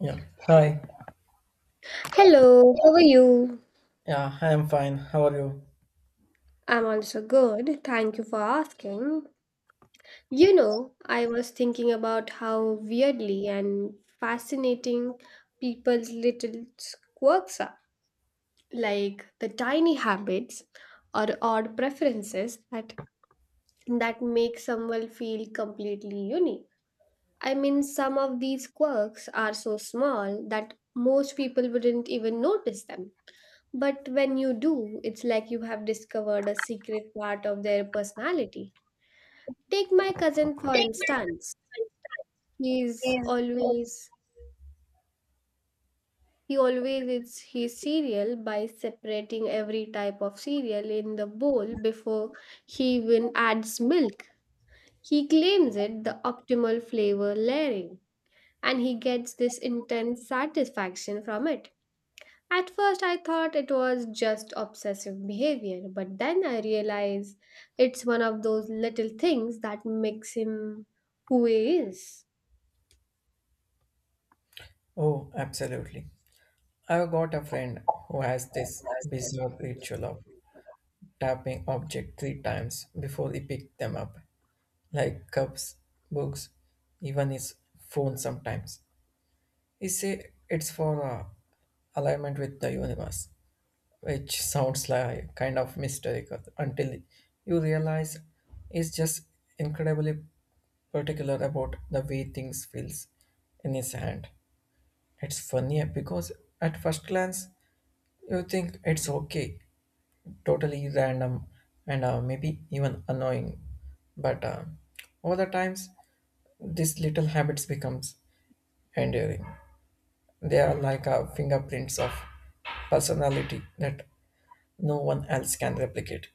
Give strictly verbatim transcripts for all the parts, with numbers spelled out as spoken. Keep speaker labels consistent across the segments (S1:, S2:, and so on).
S1: Yeah. Hi.
S2: Hello, how are you?
S1: Yeah, I am fine. How are you?
S2: I'm also good. Thank you for asking. You know, I was thinking about how weirdly and fascinating people's little quirks are, like the tiny habits or odd preferences that that make someone feel completely unique. I mean, some of these quirks are so small that most people wouldn't even notice them. But when you do, it's like you have discovered a secret part of their personality. Take my cousin, for instance. He's
S1: Is
S2: always he always eats his cereal by separating every type of cereal in the bowl before he even adds milk. He claims it the optimal flavor layering, and he gets this intense satisfaction from it. At first, I thought it was just obsessive behavior, but then I realized it's one of those little things that makes him who he is.
S1: Oh, absolutely. I've got a friend who has this bizarre ritual of tapping object three times before he picks them up, like cups, books, even his phone sometimes. He say it's for uh, alignment with the universe, which sounds like kind of mystical until you realize it's just incredibly particular about the way things feels in his hand. It's funny because at first glance you think it's okay, totally random and uh, maybe even annoying, but uh, over the times these little habits becomes enduring. They are like uh, fingerprints of personality that no one else can replicate.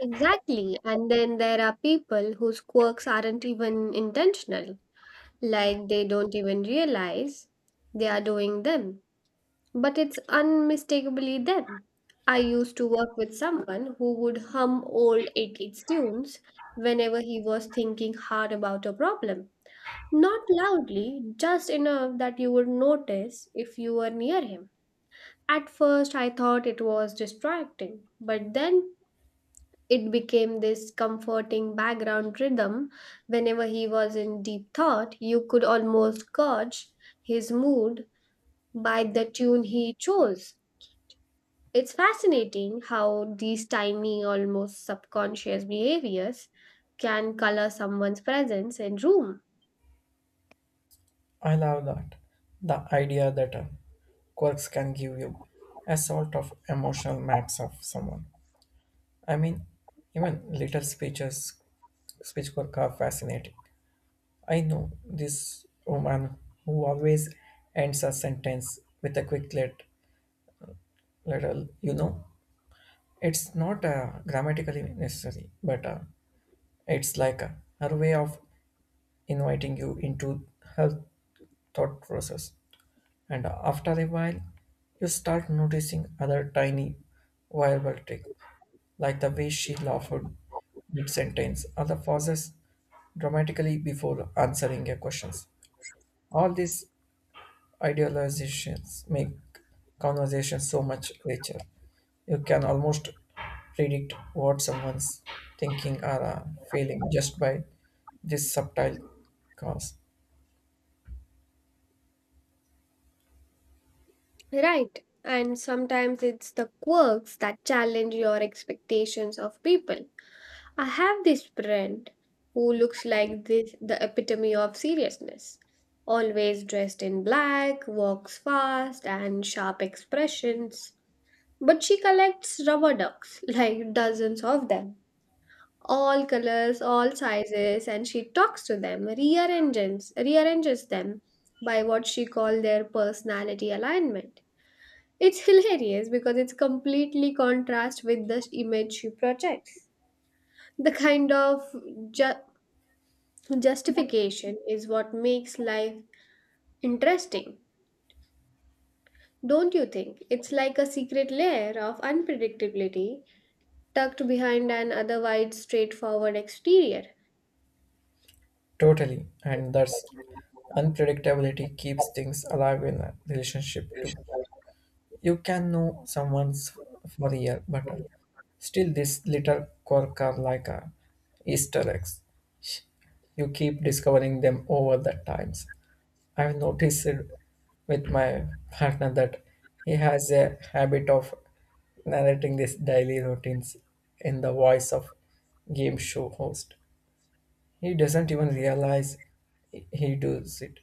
S2: Exactly. And then there are people whose quirks aren't even intentional, like they don't even realize they are doing them, but it's unmistakably them. I used to work with someone who would hum old eighties tunes whenever he was thinking hard about a problem. Not loudly, just enough that you would notice if you were near him. At first, I thought it was distracting, but then it became this comforting background rhythm. Whenever he was in deep thought, you could almost gauge his mood by the tune he chose. It's fascinating how these tiny, almost subconscious behaviors can color someone's presence in room.
S1: I love that the idea that uh, quirks can give you a sort of emotional maps of someone. I mean, even little speeches, speechwork are fascinating. I know this woman who always ends a sentence with a quick let, little, you know, it's not uh, grammatically necessary, but uh, it's like uh, her way of inviting you into her thought process. And after a while, you start noticing other tiny verbal tricks, like the way she laughed mid-sentence or the pauses dramatically before answering your questions. All these idealizations make conversation so much richer. You can almost predict what someone's thinking or uh, feeling just by this subtle cause.
S2: Right. And sometimes it's the quirks that challenge your expectations of people. I have this friend who looks like this the epitome of seriousness. Always dressed in black, walks fast, and sharp expressions. But she collects rubber ducks, like dozens of them. All colors, all sizes, and she talks to them, rearranges, rearranges them by what she calls their personality alignment. It's hilarious because it's completely contrast with the image she projects. The kind of ju- justification is what makes life interesting, don't you think? It's like a secret layer of unpredictability tucked behind an otherwise straightforward exterior.
S1: Totally. And that's unpredictability keeps things alive in a relationship too. You can know someone's for a year, but uh, still this little quirk are like a Easter eggs. You keep discovering them over the times. I've noticed it with my partner that he has a habit of narrating these daily routines in the voice of game show host. He doesn't even realize he he does it.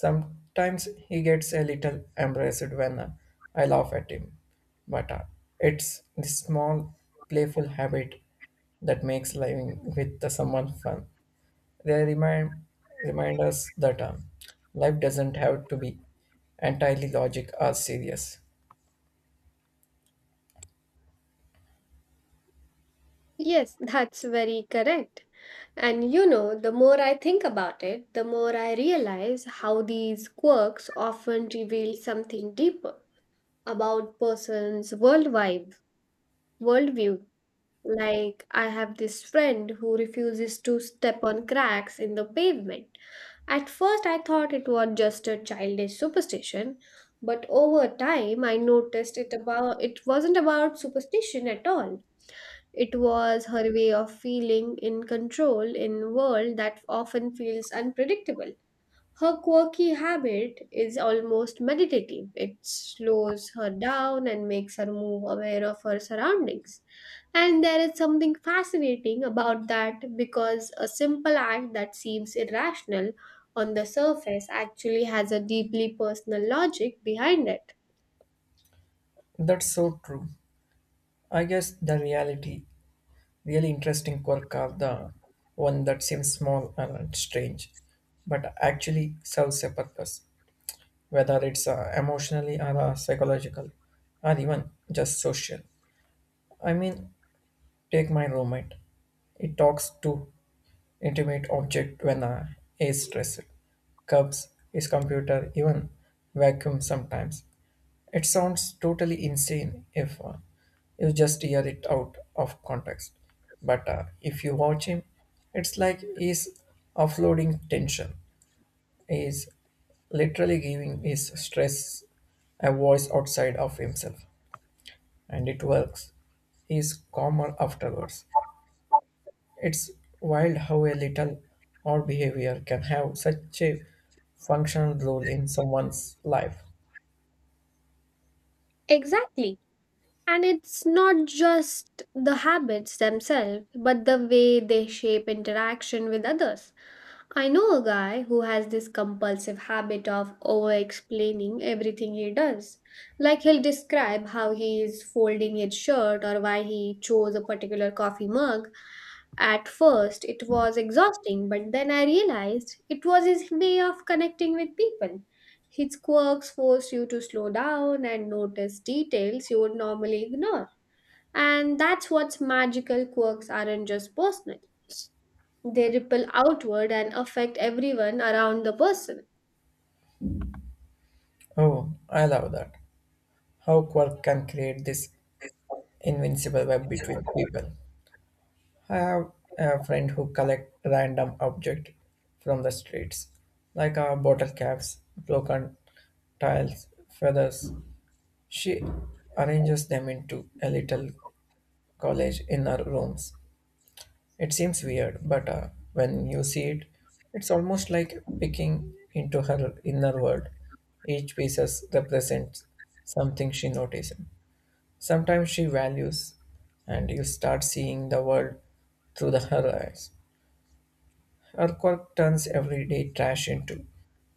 S1: Sometimes he gets a little embarrassed when uh, I laugh at him, but uh, it's the small, playful habit that makes living with the someone fun. They remind remind us that uh, life doesn't have to be entirely logic or serious.
S2: Yes, that's very correct. And you know, the more I think about it, the more I realize how these quirks often reveal something deeper about person's world vibe, worldview. Like I have this friend who refuses to step on cracks in the pavement. At first I thought it was just a childish superstition, but over time I noticed it about it wasn't about superstition at all. It was her way of feeling in control in a world that often feels unpredictable. Her quirky habit is almost meditative. It slows her down and makes her more aware of her surroundings. And there is something fascinating about that because a simple act that seems irrational on the surface actually has a deeply personal logic behind it.
S1: That's so true. I guess the reality, really interesting quirk of the one that seems small and strange, but actually serves a purpose. Whether it's uh, emotionally or uh, psychologically or even just social. I mean, take my roommate. It talks to intimate object when uh, is stressed, cups, his computer, even vacuum sometimes. It sounds totally insane if uh, you just hear it out of context. But uh, if you watch him, it's like he's offloading tension is literally giving his stress a voice outside of himself, and it works. He is calmer afterwards. It's wild how a little odd behavior can have such a functional role in someone's life.
S2: Exactly. And it's not just the habits themselves, but the way they shape interaction with others. I know a guy who has this compulsive habit of over explaining everything he does. Like he'll describe how he is folding his shirt or why he chose a particular coffee mug. At first, it was exhausting, but then I realized it was his way of connecting with people. His quirks force you to slow down and notice details you would normally ignore. And that's what's magical, quirks aren't just personal. They ripple outward and affect everyone around the person.
S1: Oh, I love that. How quirk can create this invincible web between people. I have a friend who collect random objects from the streets, like uh, bottle caps, broken tiles, feathers. She arranges them into a little college in her rooms. It seems weird, but uh, when you see it, it's almost like picking into her inner world. Each piece represents something she notices. Sometimes she values, and you start seeing the world through the her eyes. Her turns everyday trash into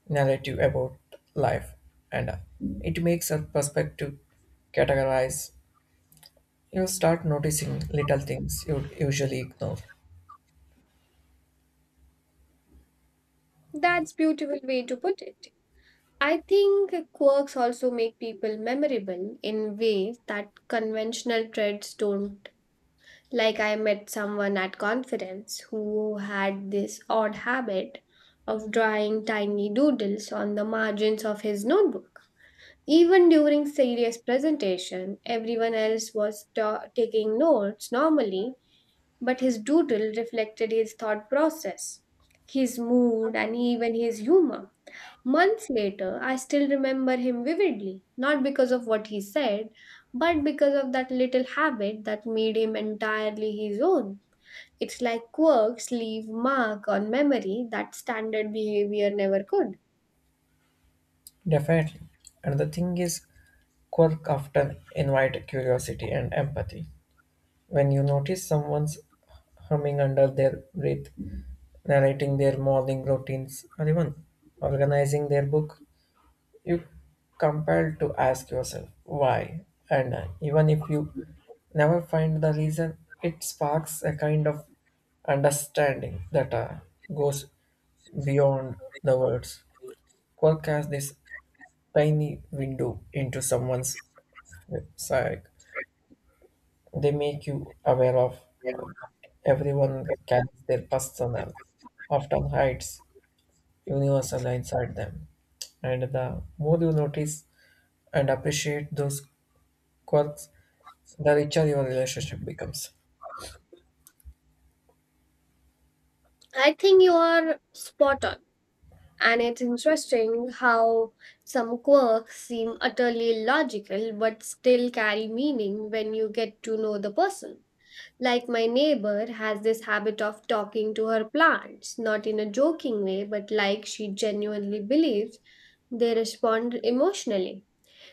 S1: narrative about life, and uh, it makes her perspective categorize. You start noticing little things you would usually ignore.
S2: That's beautiful way to put it. I think quirks also make people memorable in ways that conventional traits don't. Like I met someone at conference who had this odd habit of drawing tiny doodles on the margins of his notebook. Even during serious presentation, everyone else was ta- taking notes normally, but his doodle reflected his thought process, his mood, and even his humor. Months later, I still remember him vividly, not because of what he said, but because of that little habit that made him entirely his own. It's like quirks leave mark on memory that standard behavior never could.
S1: Definitely. And the thing is, quirk often invite curiosity and empathy. When you notice someone's humming under their breath, narrating their morning routines, or even organizing their book, you compelled to ask yourself why and uh, even if you never find the reason it sparks a kind of understanding that uh, goes beyond the words quirk has this tiny window into someone's psyche they make you aware of uh, that everyone carries their personal often hides universal inside them and the more you notice and appreciate those quirks the richer your relationship becomes.
S2: I think you are spot on. And it's interesting how some quirks seem utterly illogical, but still carry meaning when you get to know the person. Like my neighbor has this habit of talking to her plants, not in a joking way, but like she genuinely believes they respond emotionally.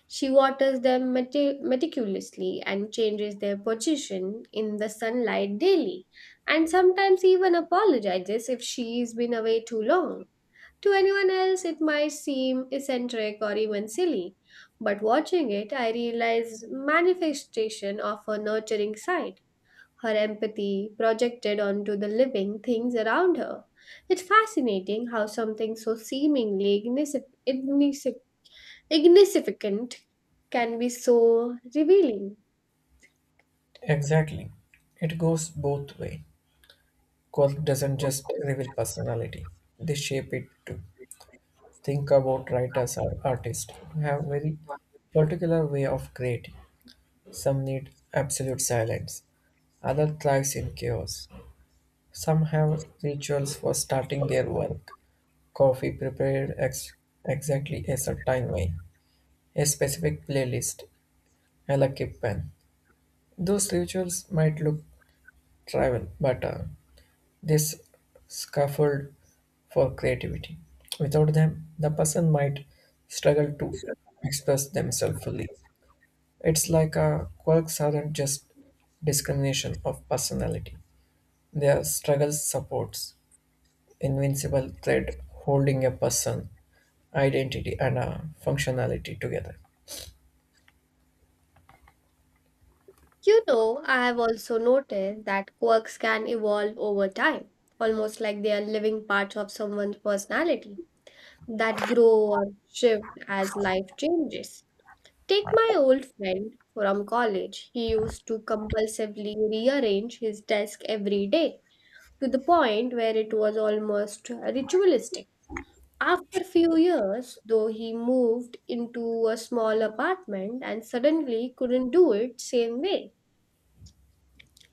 S2: She waters them meti- meticulously and changes their position in the sunlight daily, and sometimes even apologizes if she's been away too long. To anyone else, it might seem eccentric or even silly, but watching it, I realized manifestation of her nurturing side, her empathy projected onto the living things around her. It's fascinating how something so seemingly ignis- ignis- insignificant can be so revealing.
S1: Exactly. It goes both way. Work doesn't just reveal personality. They shape it too. Think about writers or artists who have very particular way of creating. Some need absolute silence. Other thrives in chaos. Some have rituals for starting their work. Coffee prepared ex- exactly a certain way. A specific playlist. A lucky pen. Those rituals might look trivial, but uh, this scaffold for creativity. Without them, the person might struggle to express themselves fully. It's like uh, quirks aren't just discrimination of personality. They are struggle supports, invincible thread holding a person, identity, and uh, functionality together.
S2: You know, I have also noticed that quirks can evolve over time, almost like they are living parts of someone's personality that grow or shift as life changes. Take my old friend from college. He used to compulsively rearrange his desk every day, to the point where it was almost ritualistic. After few years, though, he moved into a small apartment and suddenly couldn't do it same way.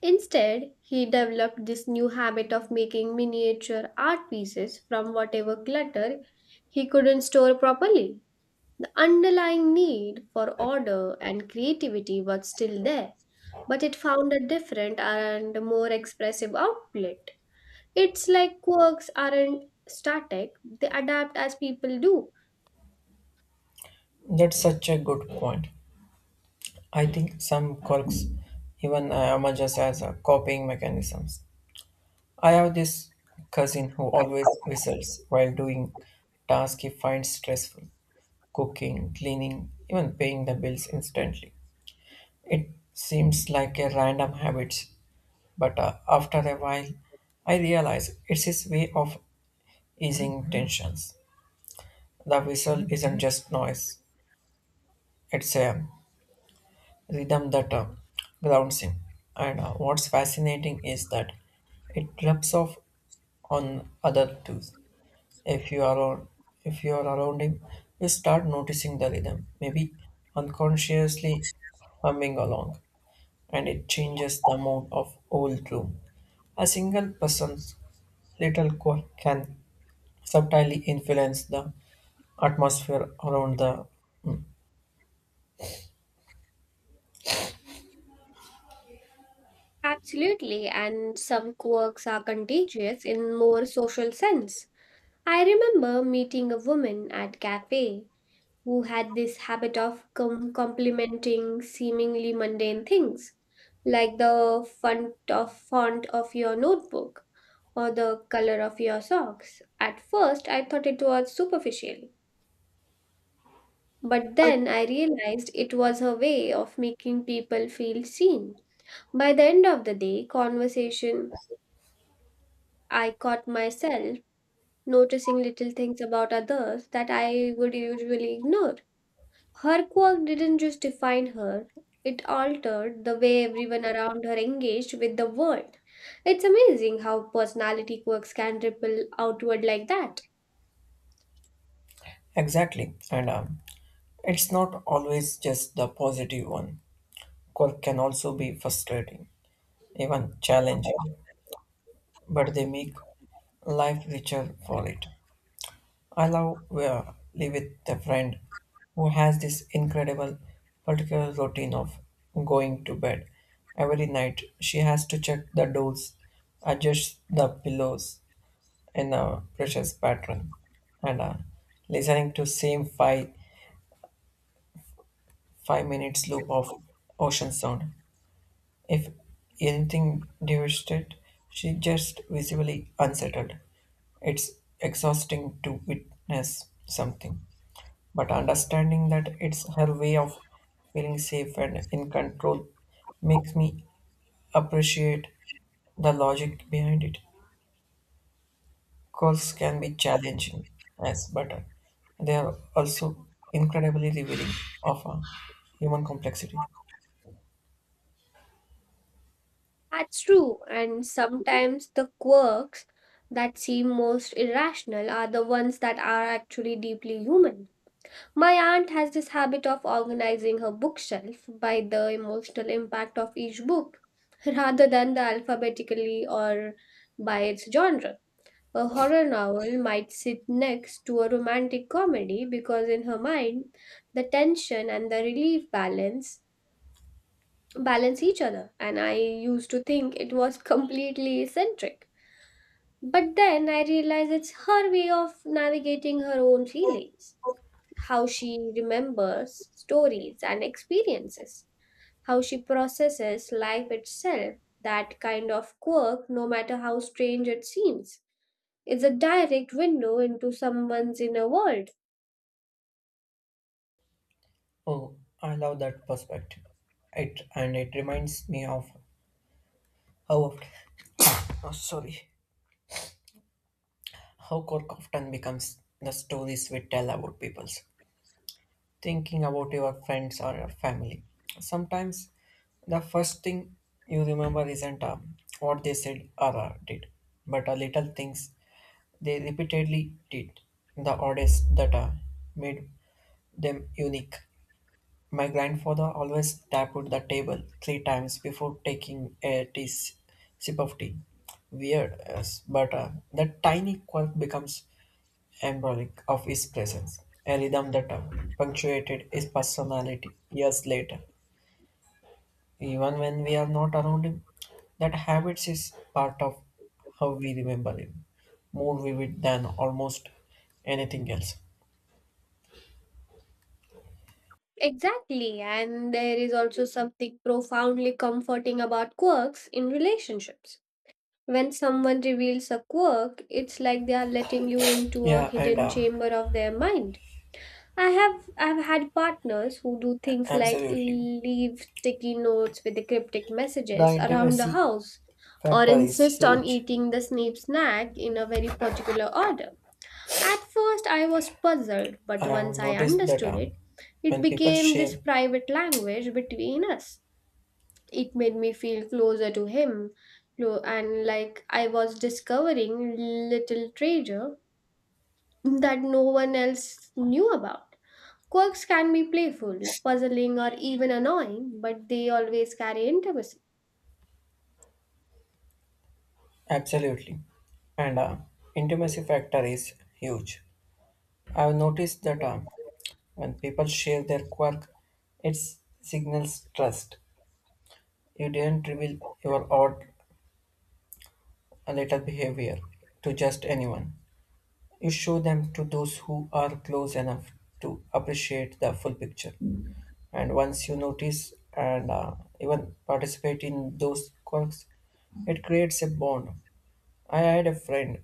S2: Instead, he developed this new habit of making miniature art pieces from whatever clutter he couldn't store properly. Underlying need for order and creativity was still there, but it found a different and more expressive outlet. It's like quirks aren't static, they adapt as people do.
S1: That's such a good point. I think some quirks even uh, emerges as uh, copying mechanisms. I have this cousin who always whistles while doing tasks he finds stressful cooking, cleaning, even paying the bills instantly. It seems like a random habit, but uh, after a while, I realize it's his way of easing tensions. The whistle isn't just noise, it's a rhythm that uh, grounds him. And uh, what's fascinating is that it rubs off on other tools. If you are on, if you are around him, you start noticing the rhythm, maybe unconsciously humming along, and it changes the mood of whole room. A single person's little quirk can subtly influence the atmosphere around the
S2: Absolutely, and some quirks are contagious in more social sense. I remember meeting a woman at cafe who had this habit of com- complimenting seemingly mundane things, like the font of, font of your notebook or the color of your socks. At first, I thought it was superficial, but then I realized it was her way of making people feel seen. By the end of the day, conversation, I caught myself noticing little things about others that I would usually ignore. Her quirk didn't just define her, it altered the way everyone around her engaged with the world. It's amazing how personality quirks can ripple outward like that.
S1: exactly and um, it's not always just the positive one quirk can also be frustrating even challenging but they make life richer for it. I love uh, live with a friend who has this incredible particular routine of going to bed every night. She has to check the doors, adjust the pillows in a precious pattern, and uh, listening to same five five minutes loop of ocean sound. If anything devastated, she just visibly unsettled. It's exhausting to witness something. But understanding that it's her way of feeling safe and in control makes me appreciate the logic behind it. Calls can be challenging, yes, but they are also incredibly revealing of uh, human complexity.
S2: That's true, and sometimes the quirks that seem most irrational are the ones that are actually deeply human. My aunt has this habit of organizing her bookshelf by the emotional impact of each book rather than the alphabetically or by its genre. A horror novel might sit next to a romantic comedy because in her mind the tension and the relief balance balance each other, and I used to think it was completely eccentric. But then I realized it's her way of navigating her own feelings, how she remembers stories and experiences, how she processes life itself, that kind of quirk no matter how strange it seems. It's a direct window into someone's inner world.
S1: Oh, I love that perspective. It and it reminds me of how oft- oh, sorry, how Cork often becomes the stories we tell about peoples thinking about your friends or your family. Sometimes the first thing you remember isn't uh, what they said or uh, did, but uh, little things they repeatedly did, the oddest that uh, made them unique. My grandfather always tapped the table three times before taking a tea, sip of tea. Weird, yes, but uh, that tiny quirk becomes embolic of his presence, a rhythm that punctuated his personality years later. Even when we are not around him, that habits is part of how we remember him, more vivid than almost anything else.
S2: Exactly, and there is also something profoundly comforting about quirks in relationships. When someone reveals a quirk, it's like they are letting you into a
S1: Yeah, and
S2: hidden
S1: uh,
S2: chamber of their mind. I have I've had partners who do things like
S1: absolutely.
S2: leave sticky notes with the cryptic
S1: The
S2: messages around the
S1: intimacy
S2: house or
S1: factor is
S2: insist on
S1: huge.
S2: eating the same snack in a very particular order. At first, I was puzzled, but
S1: I have
S2: once I
S1: noticed that
S2: understood
S1: uh,
S2: it, it
S1: when people
S2: became this
S1: share,
S2: private language between us. It made me feel closer to him, clo- and like I was discovering little treasure that no one else knew about. Quirks can be playful, puzzling, or even annoying, but they always carry intimacy.
S1: absolutely, and uh, intimacy factor is huge. I have noticed that uh, when people share their quirk, it signals trust. You didn't reveal your odd little behavior to just anyone. You show them to those who are close enough to appreciate the full picture. And once you notice and uh, even participate in those quirks, it creates a bond. I had a friend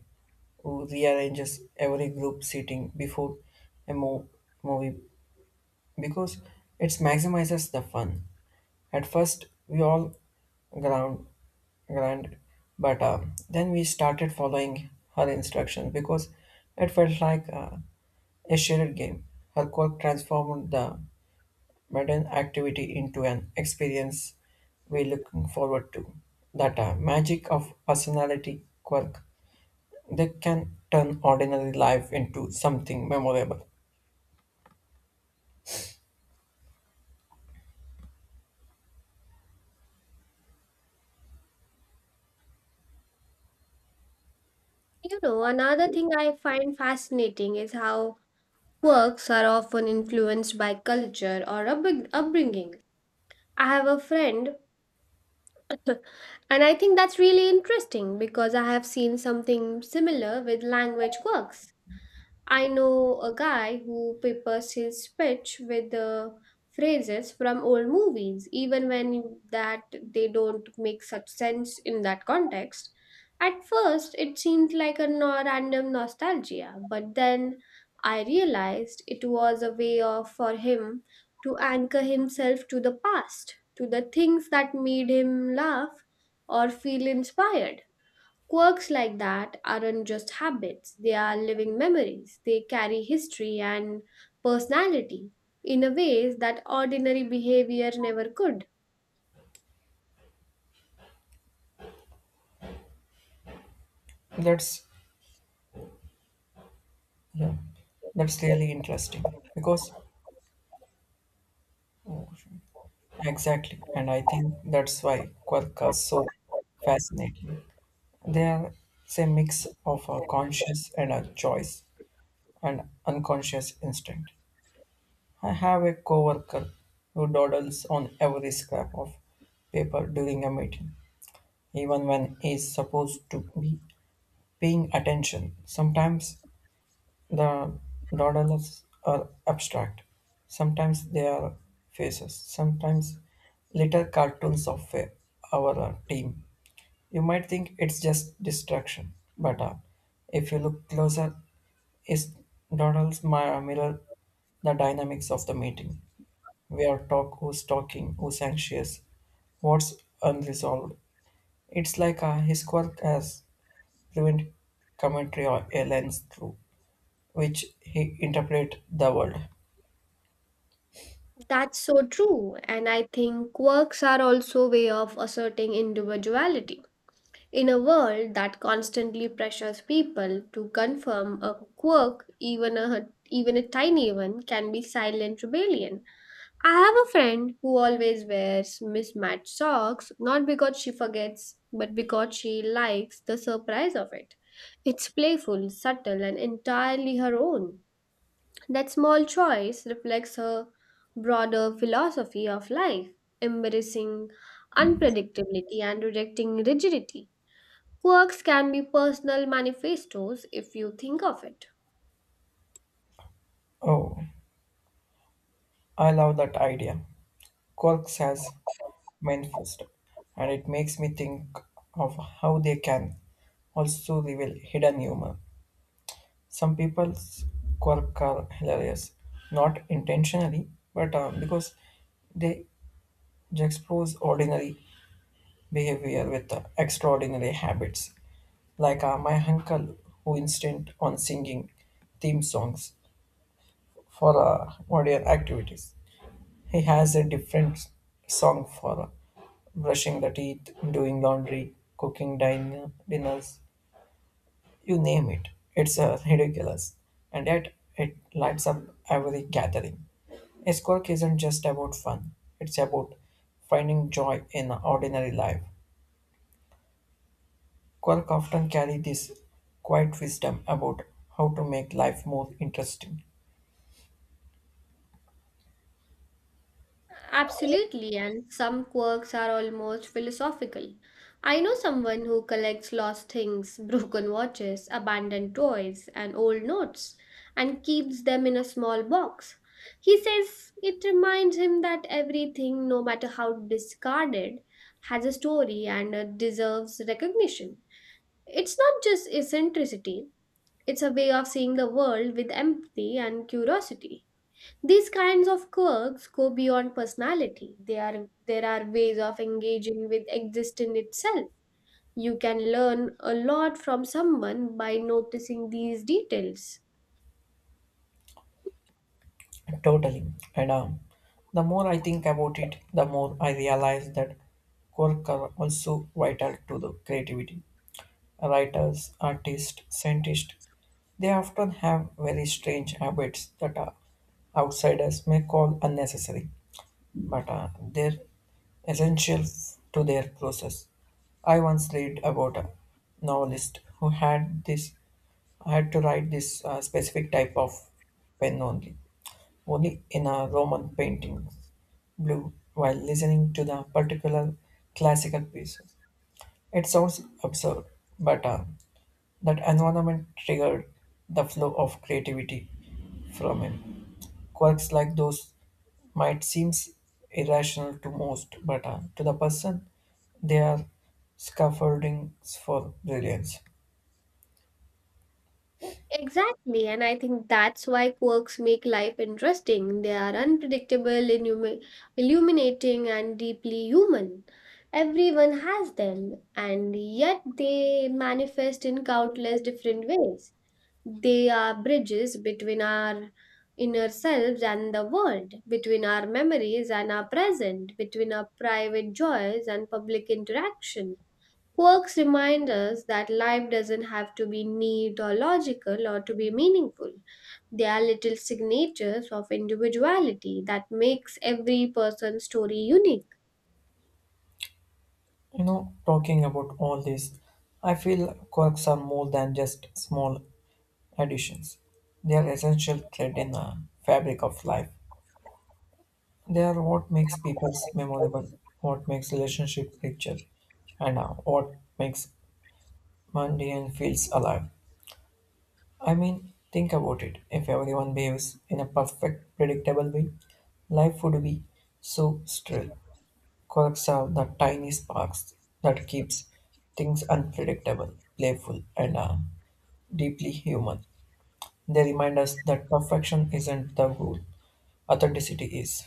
S1: who rearranges every group seating before a mo- movie because it maximizes the fun. At first, we all ground, ground, but uh, then we started following her instructions because it felt like uh, a shared game. Her quirk transformed the modern activity into an experience we're looking forward to. That uh, magic of personality quirk, they can turn ordinary life into something memorable.
S2: You know, another thing I find fascinating is how quirks are often influenced by culture or upbring- upbringing. I have a friend, and I think that's really interesting because I have seen something similar with language works. I know a guy who peppers his speech with the phrases from old movies, even when that they don't make such sense in that context. At first, it seemed like a no- random nostalgia, but then I realized it was a way of for him to anchor himself to the past, to the things that made him laugh or feel inspired. Quirks like that aren't just habits, they are living memories. They carry history and personality in a ways that ordinary behavior never could.
S1: That's Yeah, that's really interesting because oh, exactly, and I think that's why Quark are so fascinating. They are It's a mix of a conscious and a choice and unconscious instinct. I have a coworker who dawdles on every scrap of paper during a meeting, even when he's supposed to be paying attention. Sometimes the doodles are abstract. Sometimes they are faces, sometimes little cartoons of uh, our uh, team. You might think it's just distraction, but uh, if you look closer, is doodles mi- mirror the dynamics of the meeting? Where talk, who's talking, who's anxious, what's unresolved. It's like uh, his quirk has fluent commentary or a lens through which he interpret the world.
S2: That's so true, and I think quirks are also a way of asserting individuality. In a world that constantly pressures people to confirm a quirk, even a even a tiny one, can be silent rebellion. I have a friend who always wears mismatched socks, not because she forgets, but because she likes the surprise of it. It's playful, subtle, and entirely her own. That small choice reflects her broader philosophy of life, embracing unpredictability and rejecting rigidity. Quirks can be personal manifestos if you think of it.
S1: Oh, I love that idea. Quark says manifest, and it makes me think of how they can also reveal hidden humor. Some people's quirk are hilarious, not intentionally, but uh, because they expose ordinary behavior with uh, extraordinary habits. Like uh, my uncle, who insisted on singing theme songs for uh, audio activities. He has a different song for uh, brushing the teeth, doing laundry, cooking din- dinners, you name it. It's uh, ridiculous, and yet it lights up every gathering. His quirk isn't just about fun; it's about finding joy in ordinary life. Quirk often carry this quiet wisdom about how to make life more interesting.
S2: Absolutely, and some quirks are almost philosophical. I know someone who collects lost things, broken watches, abandoned toys, and old notes, and keeps them in a small box. He says it reminds him that everything, no matter how discarded, has a story and uh, deserves recognition. It's not just eccentricity, it's a way of seeing the world with empathy and curiosity. These kinds of quirks go beyond personality. They are, there are ways of engaging with existence itself. You can learn a lot from someone by noticing these details.
S1: Totally. And um, the more I think about it, the more I realize that quirks are also vital to the creativity. Writers, artists, scientists, they often have very strange habits that uh, outsiders may call unnecessary, but uh, they're essential f- to their process. I once read about a novelist who had this had to write this uh, specific type of pen only only in a Roman painting, blue, while listening to the particular classical pieces. It sounds absurd, but uh, that environment triggered the flow of creativity from him. Quirks like those might seem irrational to most, but uh, to the person, they are scaffoldings for brilliance.
S2: Exactly, and I think that's why quirks make life interesting. They are unpredictable, illumi- illuminating, and deeply human. Everyone has them, and yet they manifest in countless different ways. They are bridges between our inner selves and the world, between our memories and our present, between our private joys and public interaction. Quirks remind us that life doesn't have to be neat or logical or to be meaningful. They are little signatures of individuality that makes every person's story unique.
S1: You know, talking about all this, I feel quirks are more than just small traditions. They are essential thread in the fabric of life. They are what makes people memorable, what makes relationship richer, and uh, what makes mundane feels alive. I mean, think about it. If everyone behaves in a perfect, predictable way, life would be so still. Quirks are the tiny sparks that keeps things unpredictable, playful, and uh, deeply human. They remind us that perfection isn't the goal, authenticity is.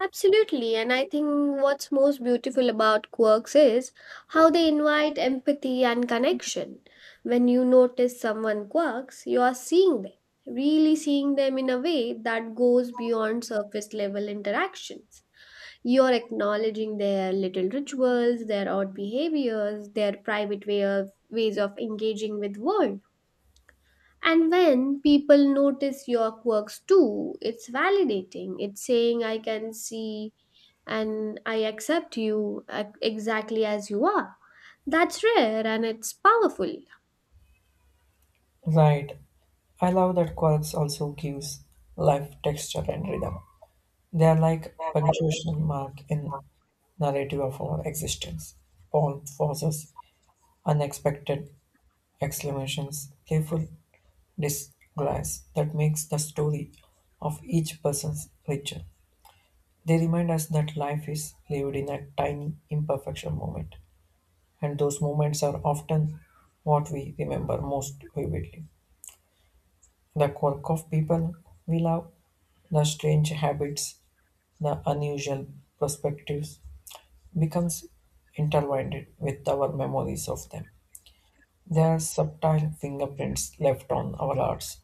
S2: Absolutely, and I think what's most beautiful about quirks is how they invite empathy and connection. When you notice someone quirks, you are seeing them, really seeing them in a way that goes beyond surface level interactions. You're acknowledging their little rituals, their odd behaviors, their private way of, ways of engaging with world. And when people notice your quirks too, it's validating. It's saying, I can see and I accept you uh, exactly as you are. That's rare and it's powerful.
S1: Right. I love that quarks also gives life texture and rhythm. They are like punctuation mark in narrative of our existence. Paul forces unexpected exclamations, playful disguise that makes the story of each person's richer. They remind us that life is lived in a tiny imperfection moment. And those moments are often what we remember most vividly. The quirk of people we love, the strange habits, the unusual perspectives becomes intertwined with our memories of them. There are subtle fingerprints left on our hearts.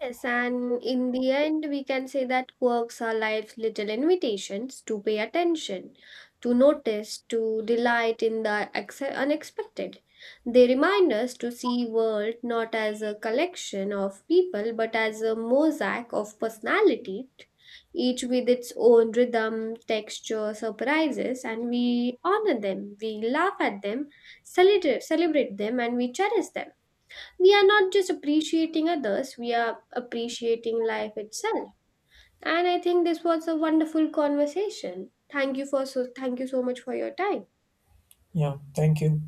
S2: Yes, and in the end, we can say that quirks are life's little invitations to pay attention, to notice, to delight in the ex- unexpected. They remind us to see world not as a collection of people, but as a mosaic of personality, each with its own rhythm, texture, surprises, and we honor them, we laugh at them, celebrate celebrate them, and we cherish them. We are not just appreciating others, we are appreciating life itself. And I think this was a wonderful conversation. Thank you for so thank you so much for your time.
S1: Yeah, thank you.